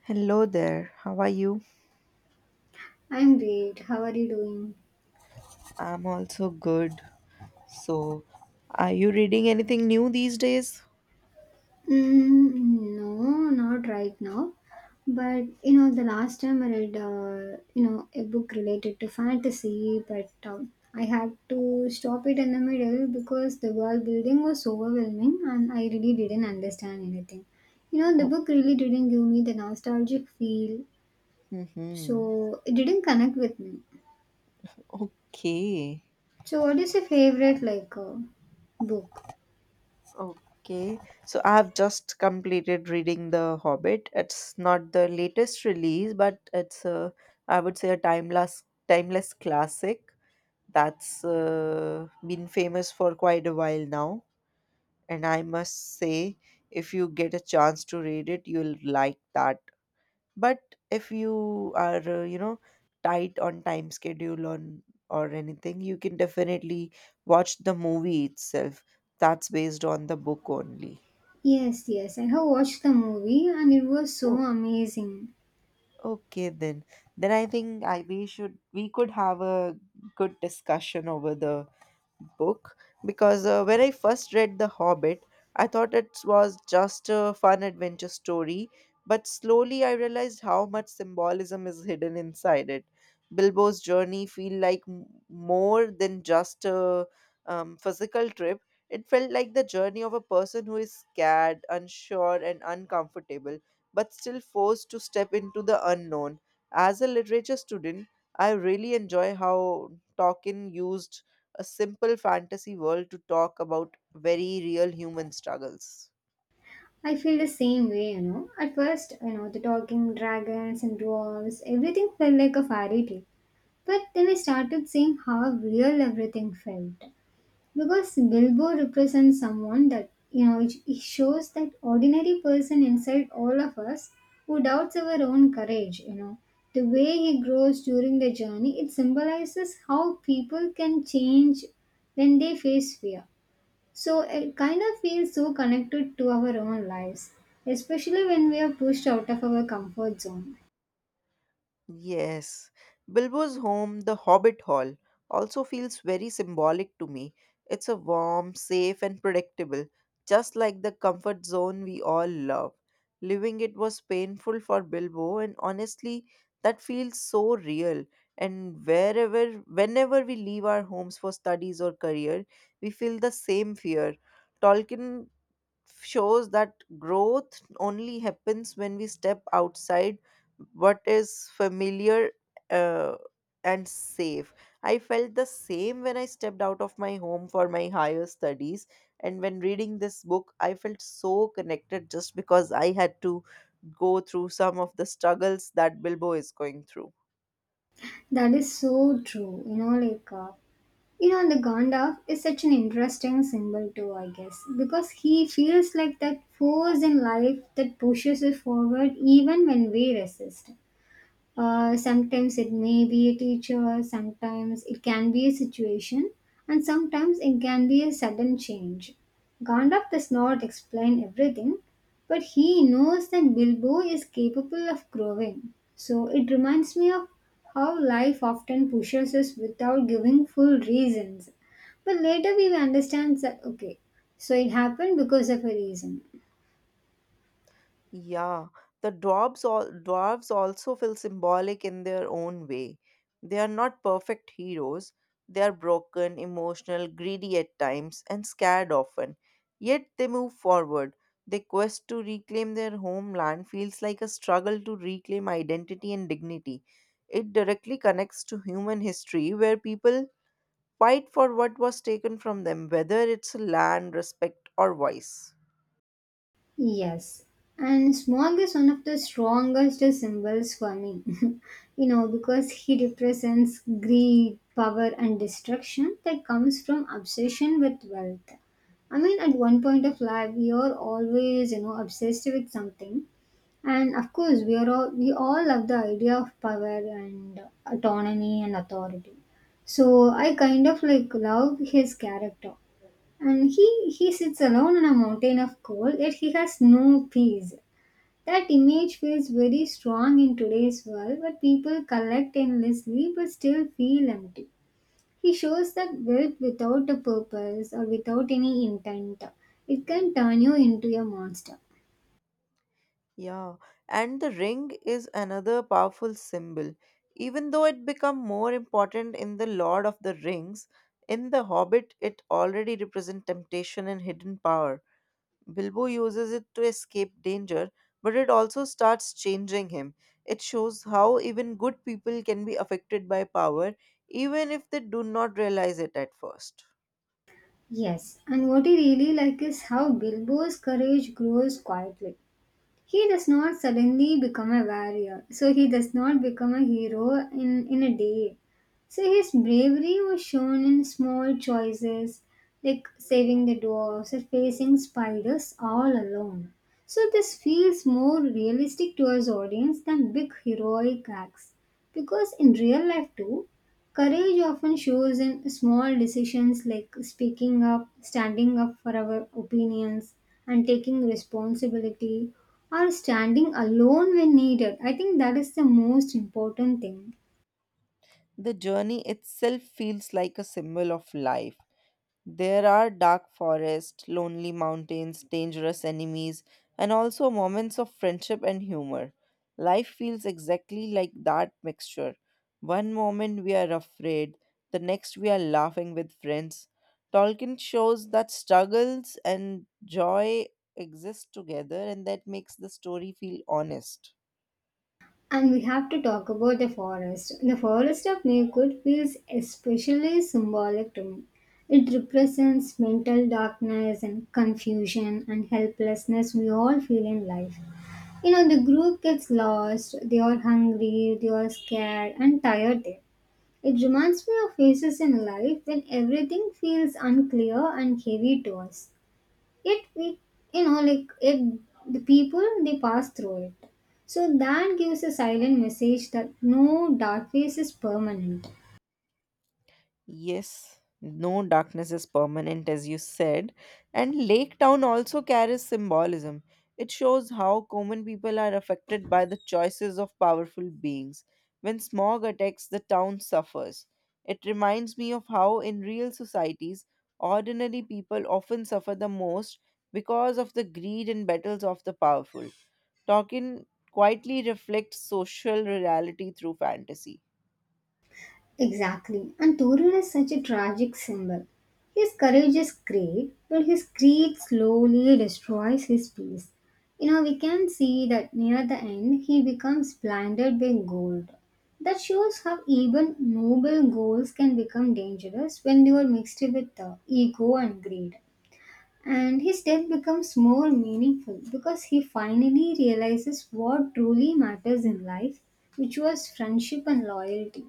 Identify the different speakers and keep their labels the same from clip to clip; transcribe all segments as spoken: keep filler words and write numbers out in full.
Speaker 1: Hello there, how are you?
Speaker 2: I'm great. How are you doing?
Speaker 1: I'm also good. So, are you reading anything new these days?
Speaker 2: Mm, no, not right now. But you know, the last time I read, uh, you know, a book related to fantasy, but um, I had to stop it in the middle because the world building was overwhelming, and I really didn't understand anything. You know, the
Speaker 1: Oh,
Speaker 2: book really didn't give me the nostalgic feel,
Speaker 1: mhm.
Speaker 2: so it didn't connect with me.
Speaker 1: Okay.
Speaker 2: So, what is your favorite like uh, book?
Speaker 1: Okay. So, I've just completed reading The Hobbit. It's not the latest release, but it's a, I would say, a timeless, timeless classic that's uh, been famous for quite a while now. And I must say, if you get a chance to read it, you'll like that, but if you are uh, you know tight on time schedule on or anything, you can definitely watch the movie itself that's based on the book only.
Speaker 2: Yes, yes, I have watched the movie and it was so
Speaker 1: Oh,
Speaker 2: amazing.
Speaker 1: okay, then then I think I we should we could have a good discussion over the book, because uh, when I first read The Hobbit, I thought it was just a fun adventure story, but slowly I realized how much symbolism is hidden inside it. Bilbo's journey feel like m- more than just a um, physical trip. It felt like the journey of a person who is scared, unsure, and uncomfortable, but still forced to step into the unknown. As a literature student, I really enjoy how Tolkien used a simple fantasy world to talk about very real human struggles.
Speaker 2: I feel the same way, you know. At first, you know, the talking dragons and dwarves, everything felt like a fairy tale. But then I started seeing how real everything felt. Because Bilbo represents someone that, you know, it it shows that ordinary person inside all of us who doubts our own courage, you know. The way he grows during the journey, it symbolizes how people can change when they face fear. So it kind of feels so connected to our own lives, especially when we are pushed out of our comfort zone.
Speaker 1: Yes, Bilbo's home, the Hobbit Hall, also feels very symbolic to me. It's a warm, safe, and predictable, just like the comfort zone we all love. Living it was painful for Bilbo, and honestly, that feels so real. And wherever, whenever we leave our homes for studies or career, we feel the same fear. Tolkien shows that growth only happens when we step outside what is familiar uh, and safe. I felt the same when I stepped out of my home for my higher studies. And when reading this book, I felt so connected just because I had to go through some of the struggles that Bilbo is going through.
Speaker 2: That is so true. You know, like, uh, you know, the Gandalf is such an interesting symbol too, I guess, because he feels like that force in life that pushes us forward even when we resist. Uh, sometimes it may be a teacher, sometimes it can be a situation, and sometimes it can be a sudden change. Gandalf does not explain everything, but he knows that Bilbo is capable of growing. So it reminds me of how life often pushes us without giving full reasons. But later we will understand that okay, so it happened because of a reason.
Speaker 1: Yeah, the dwarves all dwarves also feel symbolic in their own way. They are not perfect heroes. They are broken, emotional, greedy at times, and scared often. Yet they move forward. Their quest to reclaim their homeland feels like a struggle to reclaim identity and dignity. It directly connects to human history where people fight for what was taken from them, whether it's land, respect, or voice.
Speaker 2: Yes, and Smog is one of the strongest symbols for me, you know, because he represents greed, power, and destruction that comes from obsession with wealth. I mean, at one point of life, we are always, you know, obsessed with something, and of course, we are all we all love the idea of power and autonomy and authority. So I kind of like love his character and he, he sits alone on a mountain of coal, yet he has no peace. That image feels very strong in today's world, where people collect endlessly but still feel empty. He shows that wealth without a purpose or without any intent, it can turn you into a monster.
Speaker 1: Yeah, and the ring is another powerful symbol. Even though it became more important in The Lord of the Rings, in The Hobbit it already represents temptation and hidden power. Bilbo uses it to escape danger, but it also starts changing him. It shows how even good people can be affected by power, even if they do not realize it at first.
Speaker 2: Yes, and what I really like is how Bilbo's courage grows quietly. He does not suddenly become a warrior, so he does not become a hero in, in a day. So his bravery was shown in small choices like saving the dwarves or facing spiders all alone. So this feels more realistic to his audience than big heroic acts. Because in real life too, courage often shows in small decisions like speaking up, standing up for our opinions, and taking responsibility, or standing alone when needed. I think that is the most important thing.
Speaker 1: The journey itself feels like a symbol of life. There are dark forests, lonely mountains, dangerous enemies, and also moments of friendship and humor. Life feels exactly like that mixture. One moment we are afraid, the next we are laughing with friends. Tolkien shows that struggles and joy exist together, and that makes the story feel honest.
Speaker 2: And we have to talk about the forest. The forest of Maygood feels especially symbolic to me. It represents mental darkness and confusion and helplessness we all feel in life. You know, the group gets lost, they are hungry, they are scared and tired there. It reminds me of phases in life when everything feels unclear and heavy to us. Yet we, you know, like it, the people they pass through it. So that gives a silent message that no dark phase is permanent.
Speaker 1: Yes, no darkness is permanent, as you said. And Lake Town also carries symbolism. It shows how common people are affected by the choices of powerful beings. When smog attacks, the town suffers. It reminds me of how, in real societies, ordinary people often suffer the most because of the greed and battles of the powerful. Tolkien quietly reflects social reality through fantasy.
Speaker 2: Exactly. And Torun is such a tragic symbol. His courage is great, but his greed slowly destroys his peace. You know, we can see that near the end he becomes blinded by gold. That shows how even noble goals can become dangerous when they are mixed with uh, ego and greed. And his death becomes more meaningful because he finally realizes what truly matters in life, which was friendship and loyalty.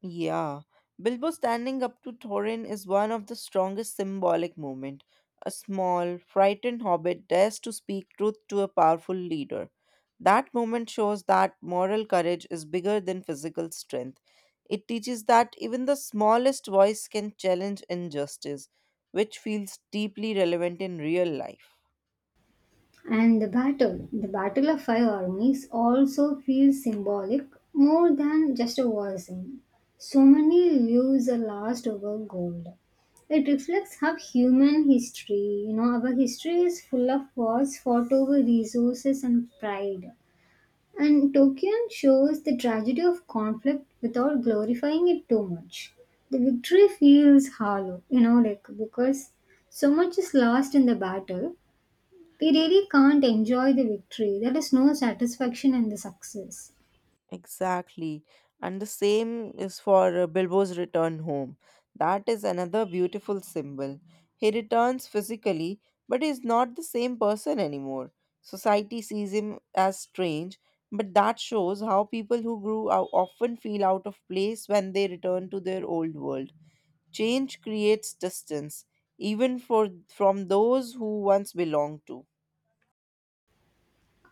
Speaker 1: Yeah, Bilbo standing up to Thorin is one of the strongest symbolic moments. A small, frightened hobbit dares to speak truth to a powerful leader. That moment shows that moral courage is bigger than physical strength. It teaches that even the smallest voice can challenge injustice, which feels deeply relevant in real life.
Speaker 2: And the battle, the Battle of Five Armies, also feels symbolic more than just a war scene. So many lives are lost over gold. It reflects how human history, you know, our history is full of wars fought over resources and pride. And Tokion shows the tragedy of conflict without glorifying it too much. The victory feels hollow, you know, like because so much is lost in the battle we really can't enjoy the victory. There is no satisfaction in the success.
Speaker 1: Exactly. And the same is for uh, Bilbo's return home. That is another beautiful symbol. He returns physically, but is not the same person anymore. Society sees him as strange, but that shows how people who grew out often feel out of place when they return to their old world. Change creates distance, even for from those who once belonged to.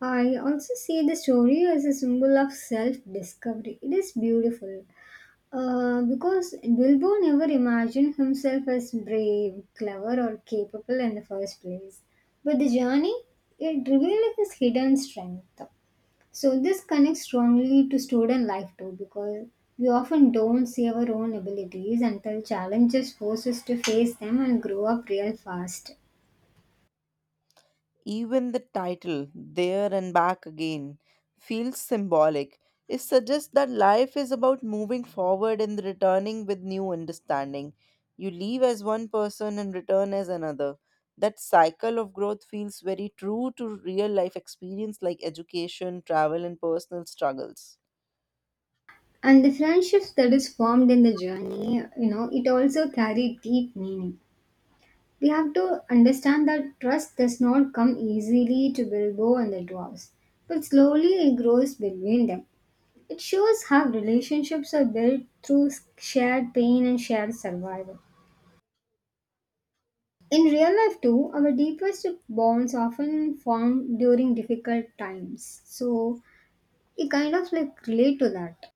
Speaker 2: I also see the story as a symbol of self discovery. It is beautiful uh, because Bilbo never imagined himself as brave, clever, or capable in the first place. But the journey, it revealed his hidden strength. So this connects strongly to student life too because we often don't see our own abilities until challenges force us to face them and grow up real fast.
Speaker 1: Even the title, There and Back Again, feels symbolic. It suggests that life is about moving forward and returning with new understanding. You leave as one person and return as another. That cycle of growth feels very true to real life experience like education, travel, and personal struggles.
Speaker 2: And the friendships that is formed in the journey, you know, it also carry deep meaning. We have to understand that trust does not come easily to Bilbo and the dwarves, but slowly it grows between them. It shows how relationships are built through shared pain and shared survival. In real life, too, our deepest bonds often form during difficult times. So we kind of like relate to that.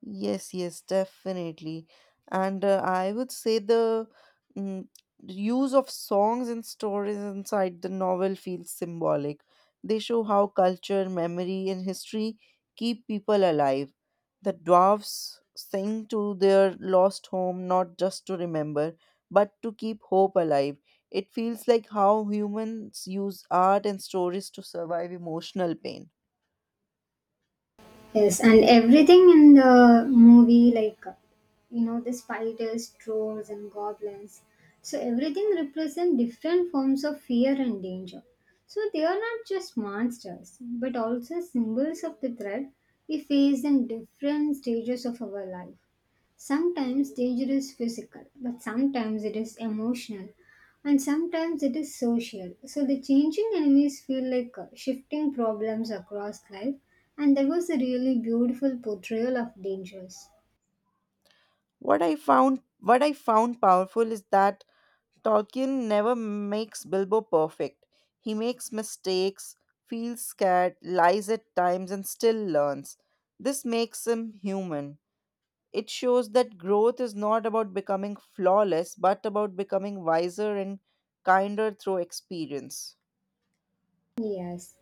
Speaker 1: Yes, yes, definitely. And uh, I would say the mm, use of songs and stories inside the novel feels symbolic. They show how culture, memory, and history keep people alive. The dwarves sing to their lost home not just to remember, but to keep hope alive. It feels like how humans use art and stories to survive emotional pain.
Speaker 2: Yes, and everything in the movie, like you know, the spiders, trolls, and goblins. So everything represents different forms of fear and danger. So they are not just monsters, but also symbols of the threat we face in different stages of our life. Sometimes danger is physical, but sometimes it is emotional, and sometimes it is social. So the changing enemies feel like uh, shifting problems across life, and there was a really beautiful portrayal of dangers.
Speaker 1: What I found what I found powerful is that Tolkien never makes Bilbo perfect. He makes mistakes, feels scared, lies at times, and still learns. This makes him human. It shows that growth is not about becoming flawless, but about becoming wiser and kinder through experience.
Speaker 2: Yes,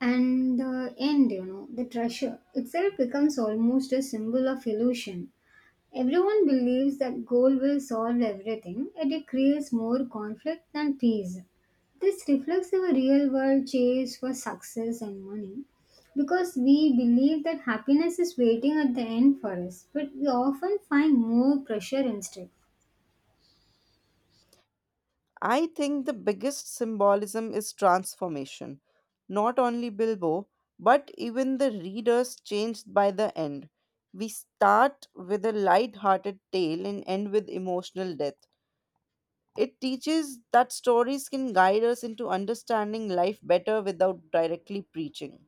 Speaker 2: and the end, you know, the treasure itself becomes almost a symbol of illusion. Everyone believes that goal will solve everything, yet it creates more conflict than peace. This reflects our real world chase for success and money because we believe that happiness is waiting at the end for us, but we often find more pressure instead.
Speaker 1: I think the biggest symbolism is transformation. Not only Bilbo, but even the readers changed by the end. We start with a light-hearted tale and end with emotional death. It teaches that stories can guide us into understanding life better without directly preaching.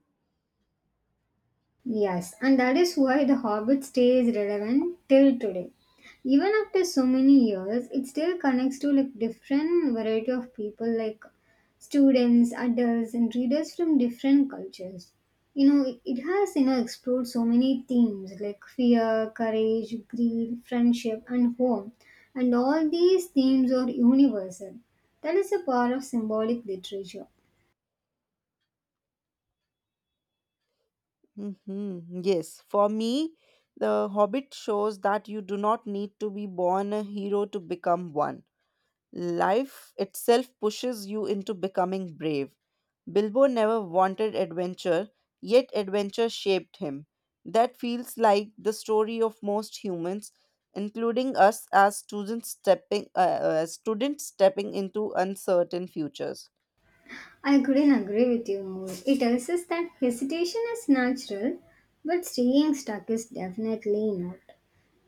Speaker 2: Yes, and that is why The Hobbit stays relevant till today. Even after so many years, it still connects to like different variety of people like students, adults and readers from different cultures. You know, it, it has, you know, explored so many themes like fear, courage, greed, friendship and home. And all these themes are universal. That is a part of symbolic literature.
Speaker 1: hmm Yes, for me, The Hobbit shows that you do not need to be born a hero to become one. Life itself pushes you into becoming brave. Bilbo never wanted adventure, yet adventure shaped him. That feels like the story of most humans, including us as students stepping uh, uh, students stepping into uncertain futures.
Speaker 2: I couldn't agree with you more. It tells us that hesitation is natural, but staying stuck is definitely not.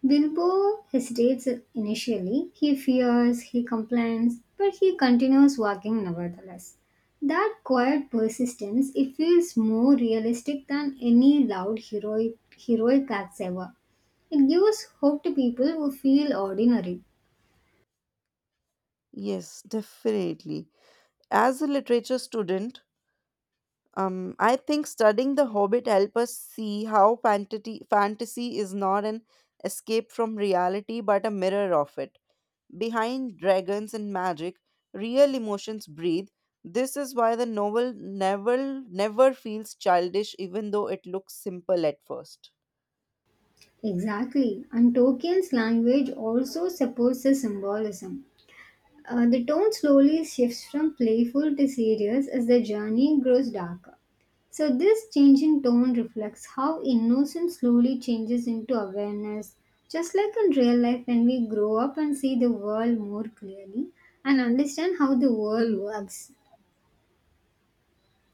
Speaker 2: Bilbo hesitates initially. He fears, he complains, but he continues walking nevertheless. That quiet persistence, it feels more realistic than any loud heroic, heroic acts ever. It gives hope to people who feel ordinary.
Speaker 1: Yes, definitely. As a literature student, um, I think studying The Hobbit help us see how fantasy fantasy is not an escape from reality but a mirror of it. Behind dragons and magic, real emotions breathe. This is why the novel never never feels childish even though it looks simple at first.
Speaker 2: Exactly, and Tolkien's language also supports the symbolism. Uh, the tone slowly shifts from playful to serious as the journey grows darker. So, this change in tone reflects how innocence slowly changes into awareness, just like in real life when we grow up and see the world more clearly and understand how the world works.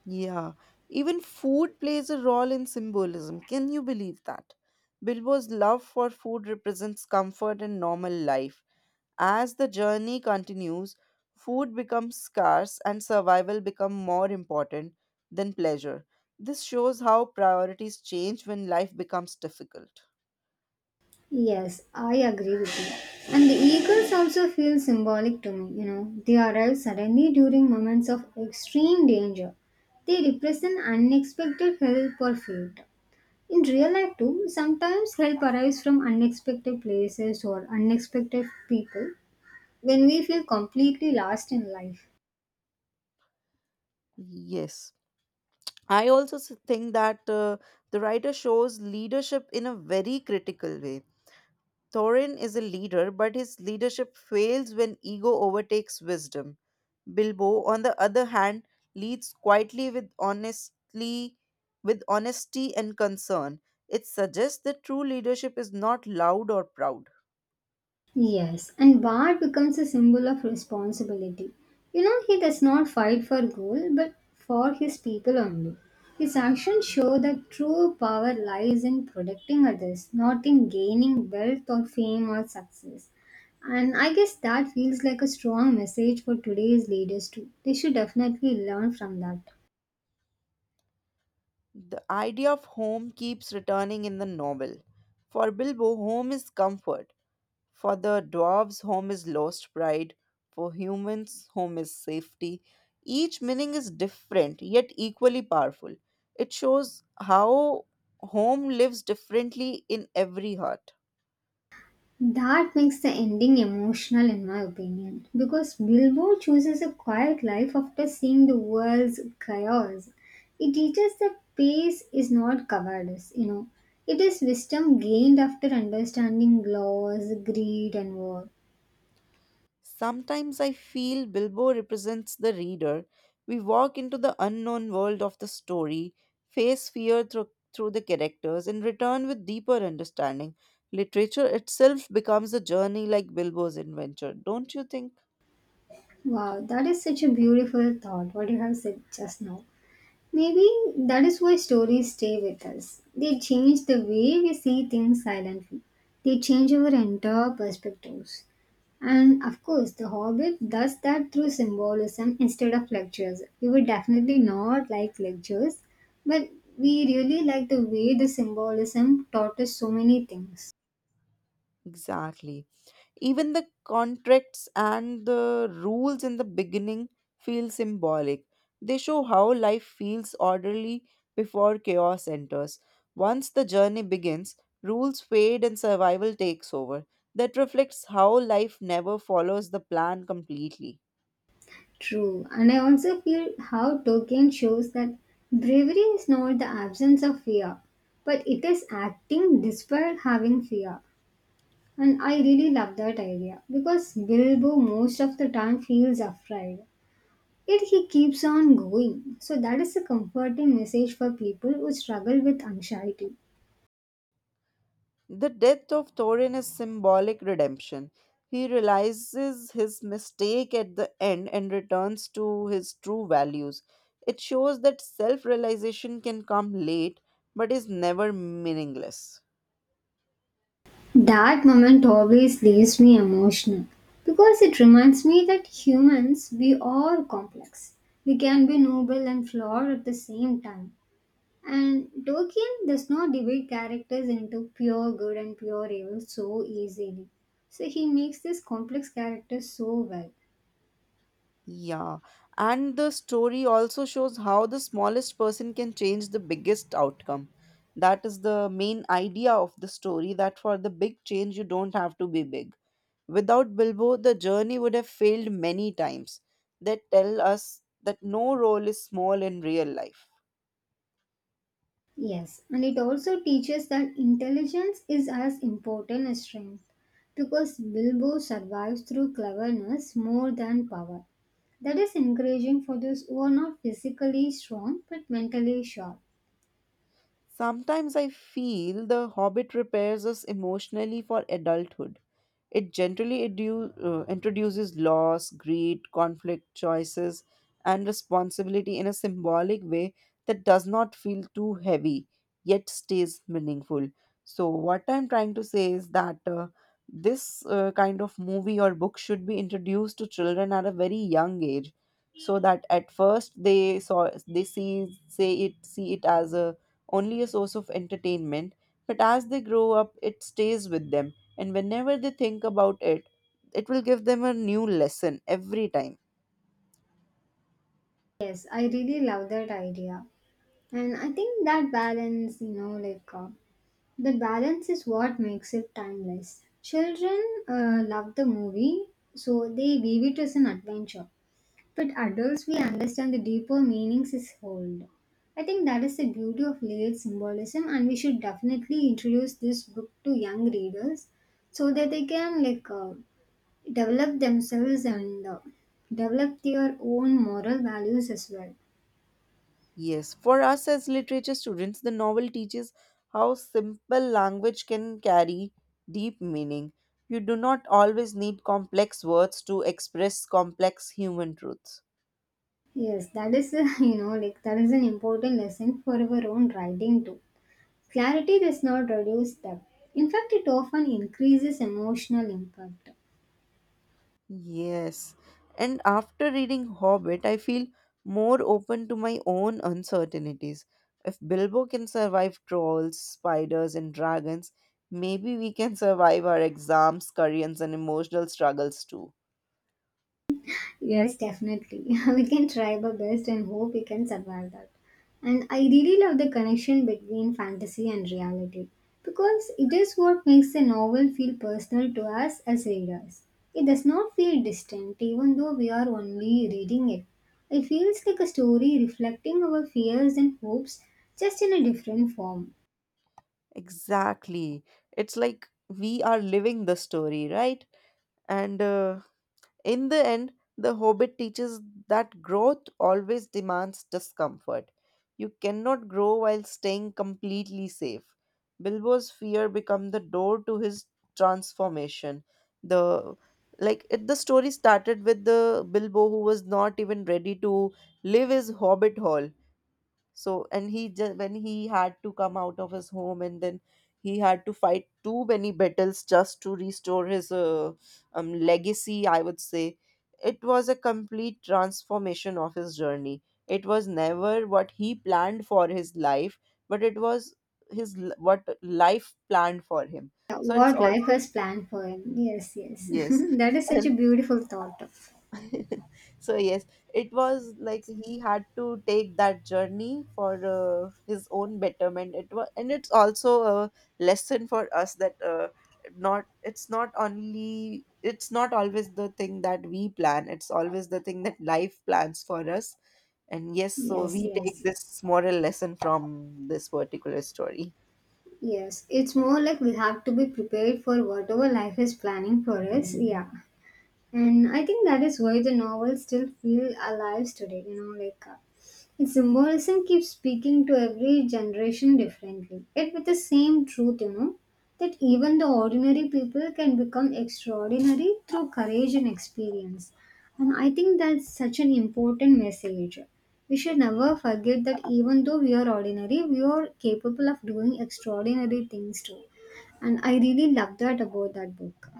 Speaker 1: Yeah, even food plays a role in symbolism. Can you believe that? Bilbo's love for food represents comfort and normal life. As the journey continues, food becomes scarce and survival become more important than pleasure. This shows how priorities change when life becomes difficult.
Speaker 2: Yes, I agree with you. And the eagles also feel symbolic to me, you know. They arrive suddenly during moments of extreme danger. They represent unexpected help or fate. In real life too, sometimes help arrives from unexpected places or unexpected people when we feel completely lost in life.
Speaker 1: Yes. I also s- think that uh, the writer shows leadership in a very critical way. Thorin is a leader, but his leadership fails when ego overtakes wisdom. Bilbo, on the other hand, leads quietly with honestly with honesty and concern. It suggests that true leadership is not loud or proud.
Speaker 2: Yes, and Bart becomes a symbol of responsibility. You know, he does not fight for gold but for his people only. His actions show that true power lies in protecting others, not in gaining wealth or fame or success. And I guess that feels like a strong message for today's leaders too. They should definitely learn from that.
Speaker 1: The idea of home keeps returning in the novel. For Bilbo, home is comfort. For the dwarves, home is lost pride. For humans, home is safety. Each meaning is different, yet equally powerful. It shows how home lives differently in every heart.
Speaker 2: That makes the ending emotional, in my opinion, because Bilbo chooses a quiet life after seeing the world's chaos. It teaches that peace is not cowardice, you know, it is wisdom gained after understanding laws, greed, and war.
Speaker 1: Sometimes I feel Bilbo represents the reader. We walk into the unknown world of the story, face fear through, through the characters, and return with deeper understanding. Literature itself becomes a journey like Bilbo's adventure, don't you think?
Speaker 2: Wow, that is such a beautiful thought, what you have said just now. Maybe that is why stories stay with us. They change the way we see things silently, they change our entire perspectives. And of course, The Hobbit does that through symbolism instead of lectures. We would definitely not like lectures, but we really like the way the symbolism taught us so many things.
Speaker 1: Exactly. Even the contracts and the rules in the beginning feel symbolic. They show how life feels orderly before chaos enters. Once the journey begins, rules fade and survival takes over. That reflects how life never follows the plan completely.
Speaker 2: True, and I also feel how Tolkien shows that bravery is not the absence of fear, but it is acting despite having fear. And I really love that idea because Bilbo most of the time feels afraid. Yet he keeps on going. So that is a comforting message for people who struggle with anxiety.
Speaker 1: The death of Thorin is symbolic redemption. He realizes his mistake at the end and returns to his true values. It shows that self realization can come late but is never meaningless.
Speaker 2: That moment always leaves me emotional because it reminds me that humans, we are complex. We can be noble and flawed at the same time. And Tolkien does not divide characters into pure good and pure evil so easily. So he makes this complex character so well.
Speaker 1: Yeah, and the story also shows how the smallest person can change the biggest outcome. That is the main idea of the story, that for the big change, you don't have to be big. Without Bilbo, the journey would have failed many times. They tell us that no role is small in real life.
Speaker 2: Yes, and it also teaches that intelligence is as important as strength because Bilbo survives through cleverness more than power. That is encouraging for those who are not physically strong but mentally sharp.
Speaker 1: Sometimes I feel The Hobbit prepares us emotionally for adulthood. It generally edu- uh, introduces loss, greed, conflict, choices, and responsibility in a symbolic way that does not feel too heavy yet stays meaningful. So, what I'm trying to say is that uh, this uh, kind of movie or book should be introduced to children at a very young age, so that at first they saw they see say it see it as a only a source of entertainment, but as they grow up, it stays with them. And whenever they think about it, it will give them a new lesson every time.
Speaker 2: Yes, I really love that idea. And I think that balance, you know, like uh, the balance is what makes it timeless. Children uh, love the movie, so they view it as an adventure. But adults, we understand the deeper meanings is hold. I think that is the beauty of layered symbolism, and we should definitely introduce this book to young readers so that they can like uh, develop themselves and uh, develop their own moral values as well.
Speaker 1: Yes, for us as literature students, the novel teaches how simple language can carry deep meaning. You do not always need complex words to express complex human truths.
Speaker 2: Yes, that is a, you know like that is an important lesson for our own writing too. Clarity does not reduce depth. In fact, it often increases emotional impact.
Speaker 1: Yes. And after reading Hobbit, I feel more open to my own uncertainties. If Bilbo can survive trolls, spiders, and dragons, maybe we can survive our exams, careers, and emotional struggles too.
Speaker 2: Yes, definitely. We can try our best and hope we can survive that. And I really love the connection between fantasy and reality because it is what makes a novel feel personal to us as readers. It does not feel distant even though we are only reading it. It feels like a story reflecting our fears and hopes just in a different form.
Speaker 1: Exactly. It's like we are living the story, right? And uh, in the end, The Hobbit teaches that growth always demands discomfort. You cannot grow while staying completely safe. Bilbo's fear become the door to his transformation. The like it, the story started with the Bilbo who was not even ready to leave his hobbit Hall. So, and he just when he had to come out of his home, and then he had to fight too many battles just to restore his uh, um, legacy. I would say it was a complete transformation of his journey. It was never what he planned for his life, but it was his l- what life planned for him.
Speaker 2: Yeah,
Speaker 1: So it's
Speaker 2: what life
Speaker 1: also
Speaker 2: has planned for him. Yes, yes.
Speaker 1: yes,
Speaker 2: That is such a beautiful thought.
Speaker 1: so yes, it was like he had to take that journey for uh, his own betterment. It was, and it's also a lesson for us that uh, not it's not only it's not always the thing that we plan, it's always the thing that life plans for us. And yes, so
Speaker 2: Yes,
Speaker 1: we take
Speaker 2: yes.
Speaker 1: this moral lesson from this particular story.
Speaker 2: Yes, it's more like we have to be prepared for whatever life is planning for us. Yeah. And I think that is why the novels still feel alive today, you know, like uh, its symbolism keeps speaking to every generation differently, yet with the same truth, you know, that even the ordinary people can become extraordinary through courage and experience. And I think that's such an important message. We should never forget that even though we are ordinary, we are capable of doing extraordinary things too. And I really love that about that book.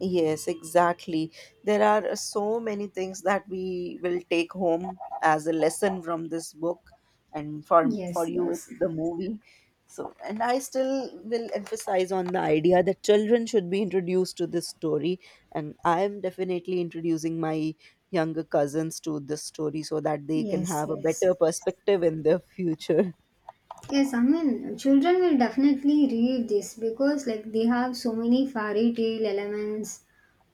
Speaker 1: Yes, exactly. There are uh, so many things that we will take home as a lesson from this book, and for for
Speaker 2: Yes,
Speaker 1: you,
Speaker 2: yes.
Speaker 1: it's the movie. So, and I still will emphasize on the idea that children should be introduced to this story, and I am definitely introducing my younger cousins to this story so that they can
Speaker 2: Yes,
Speaker 1: have a better
Speaker 2: yes.
Speaker 1: perspective in their future.
Speaker 2: Yes, I mean, children will definitely read this because, like, they have so many fairy tale elements.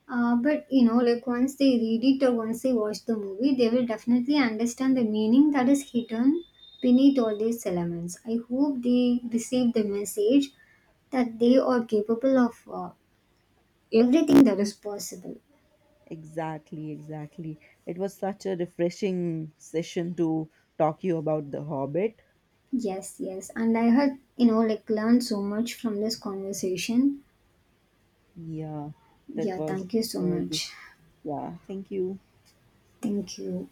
Speaker 2: Uh, but you know, like, once they read it or once they watch the movie, they will definitely understand the meaning that is hidden beneath all these elements. I hope they receive the message that they are capable of uh, everything that is possible.
Speaker 1: Exactly, exactly. It was such a refreshing session to talk you about The Hobbit.
Speaker 2: Yes, yes. And I had, you know, like, learned so much from this conversation.
Speaker 1: Yeah, that
Speaker 2: Yeah,
Speaker 1: was
Speaker 2: thank you so
Speaker 1: uh, the-
Speaker 2: much.
Speaker 1: yeah. Thank you.
Speaker 2: Thank you.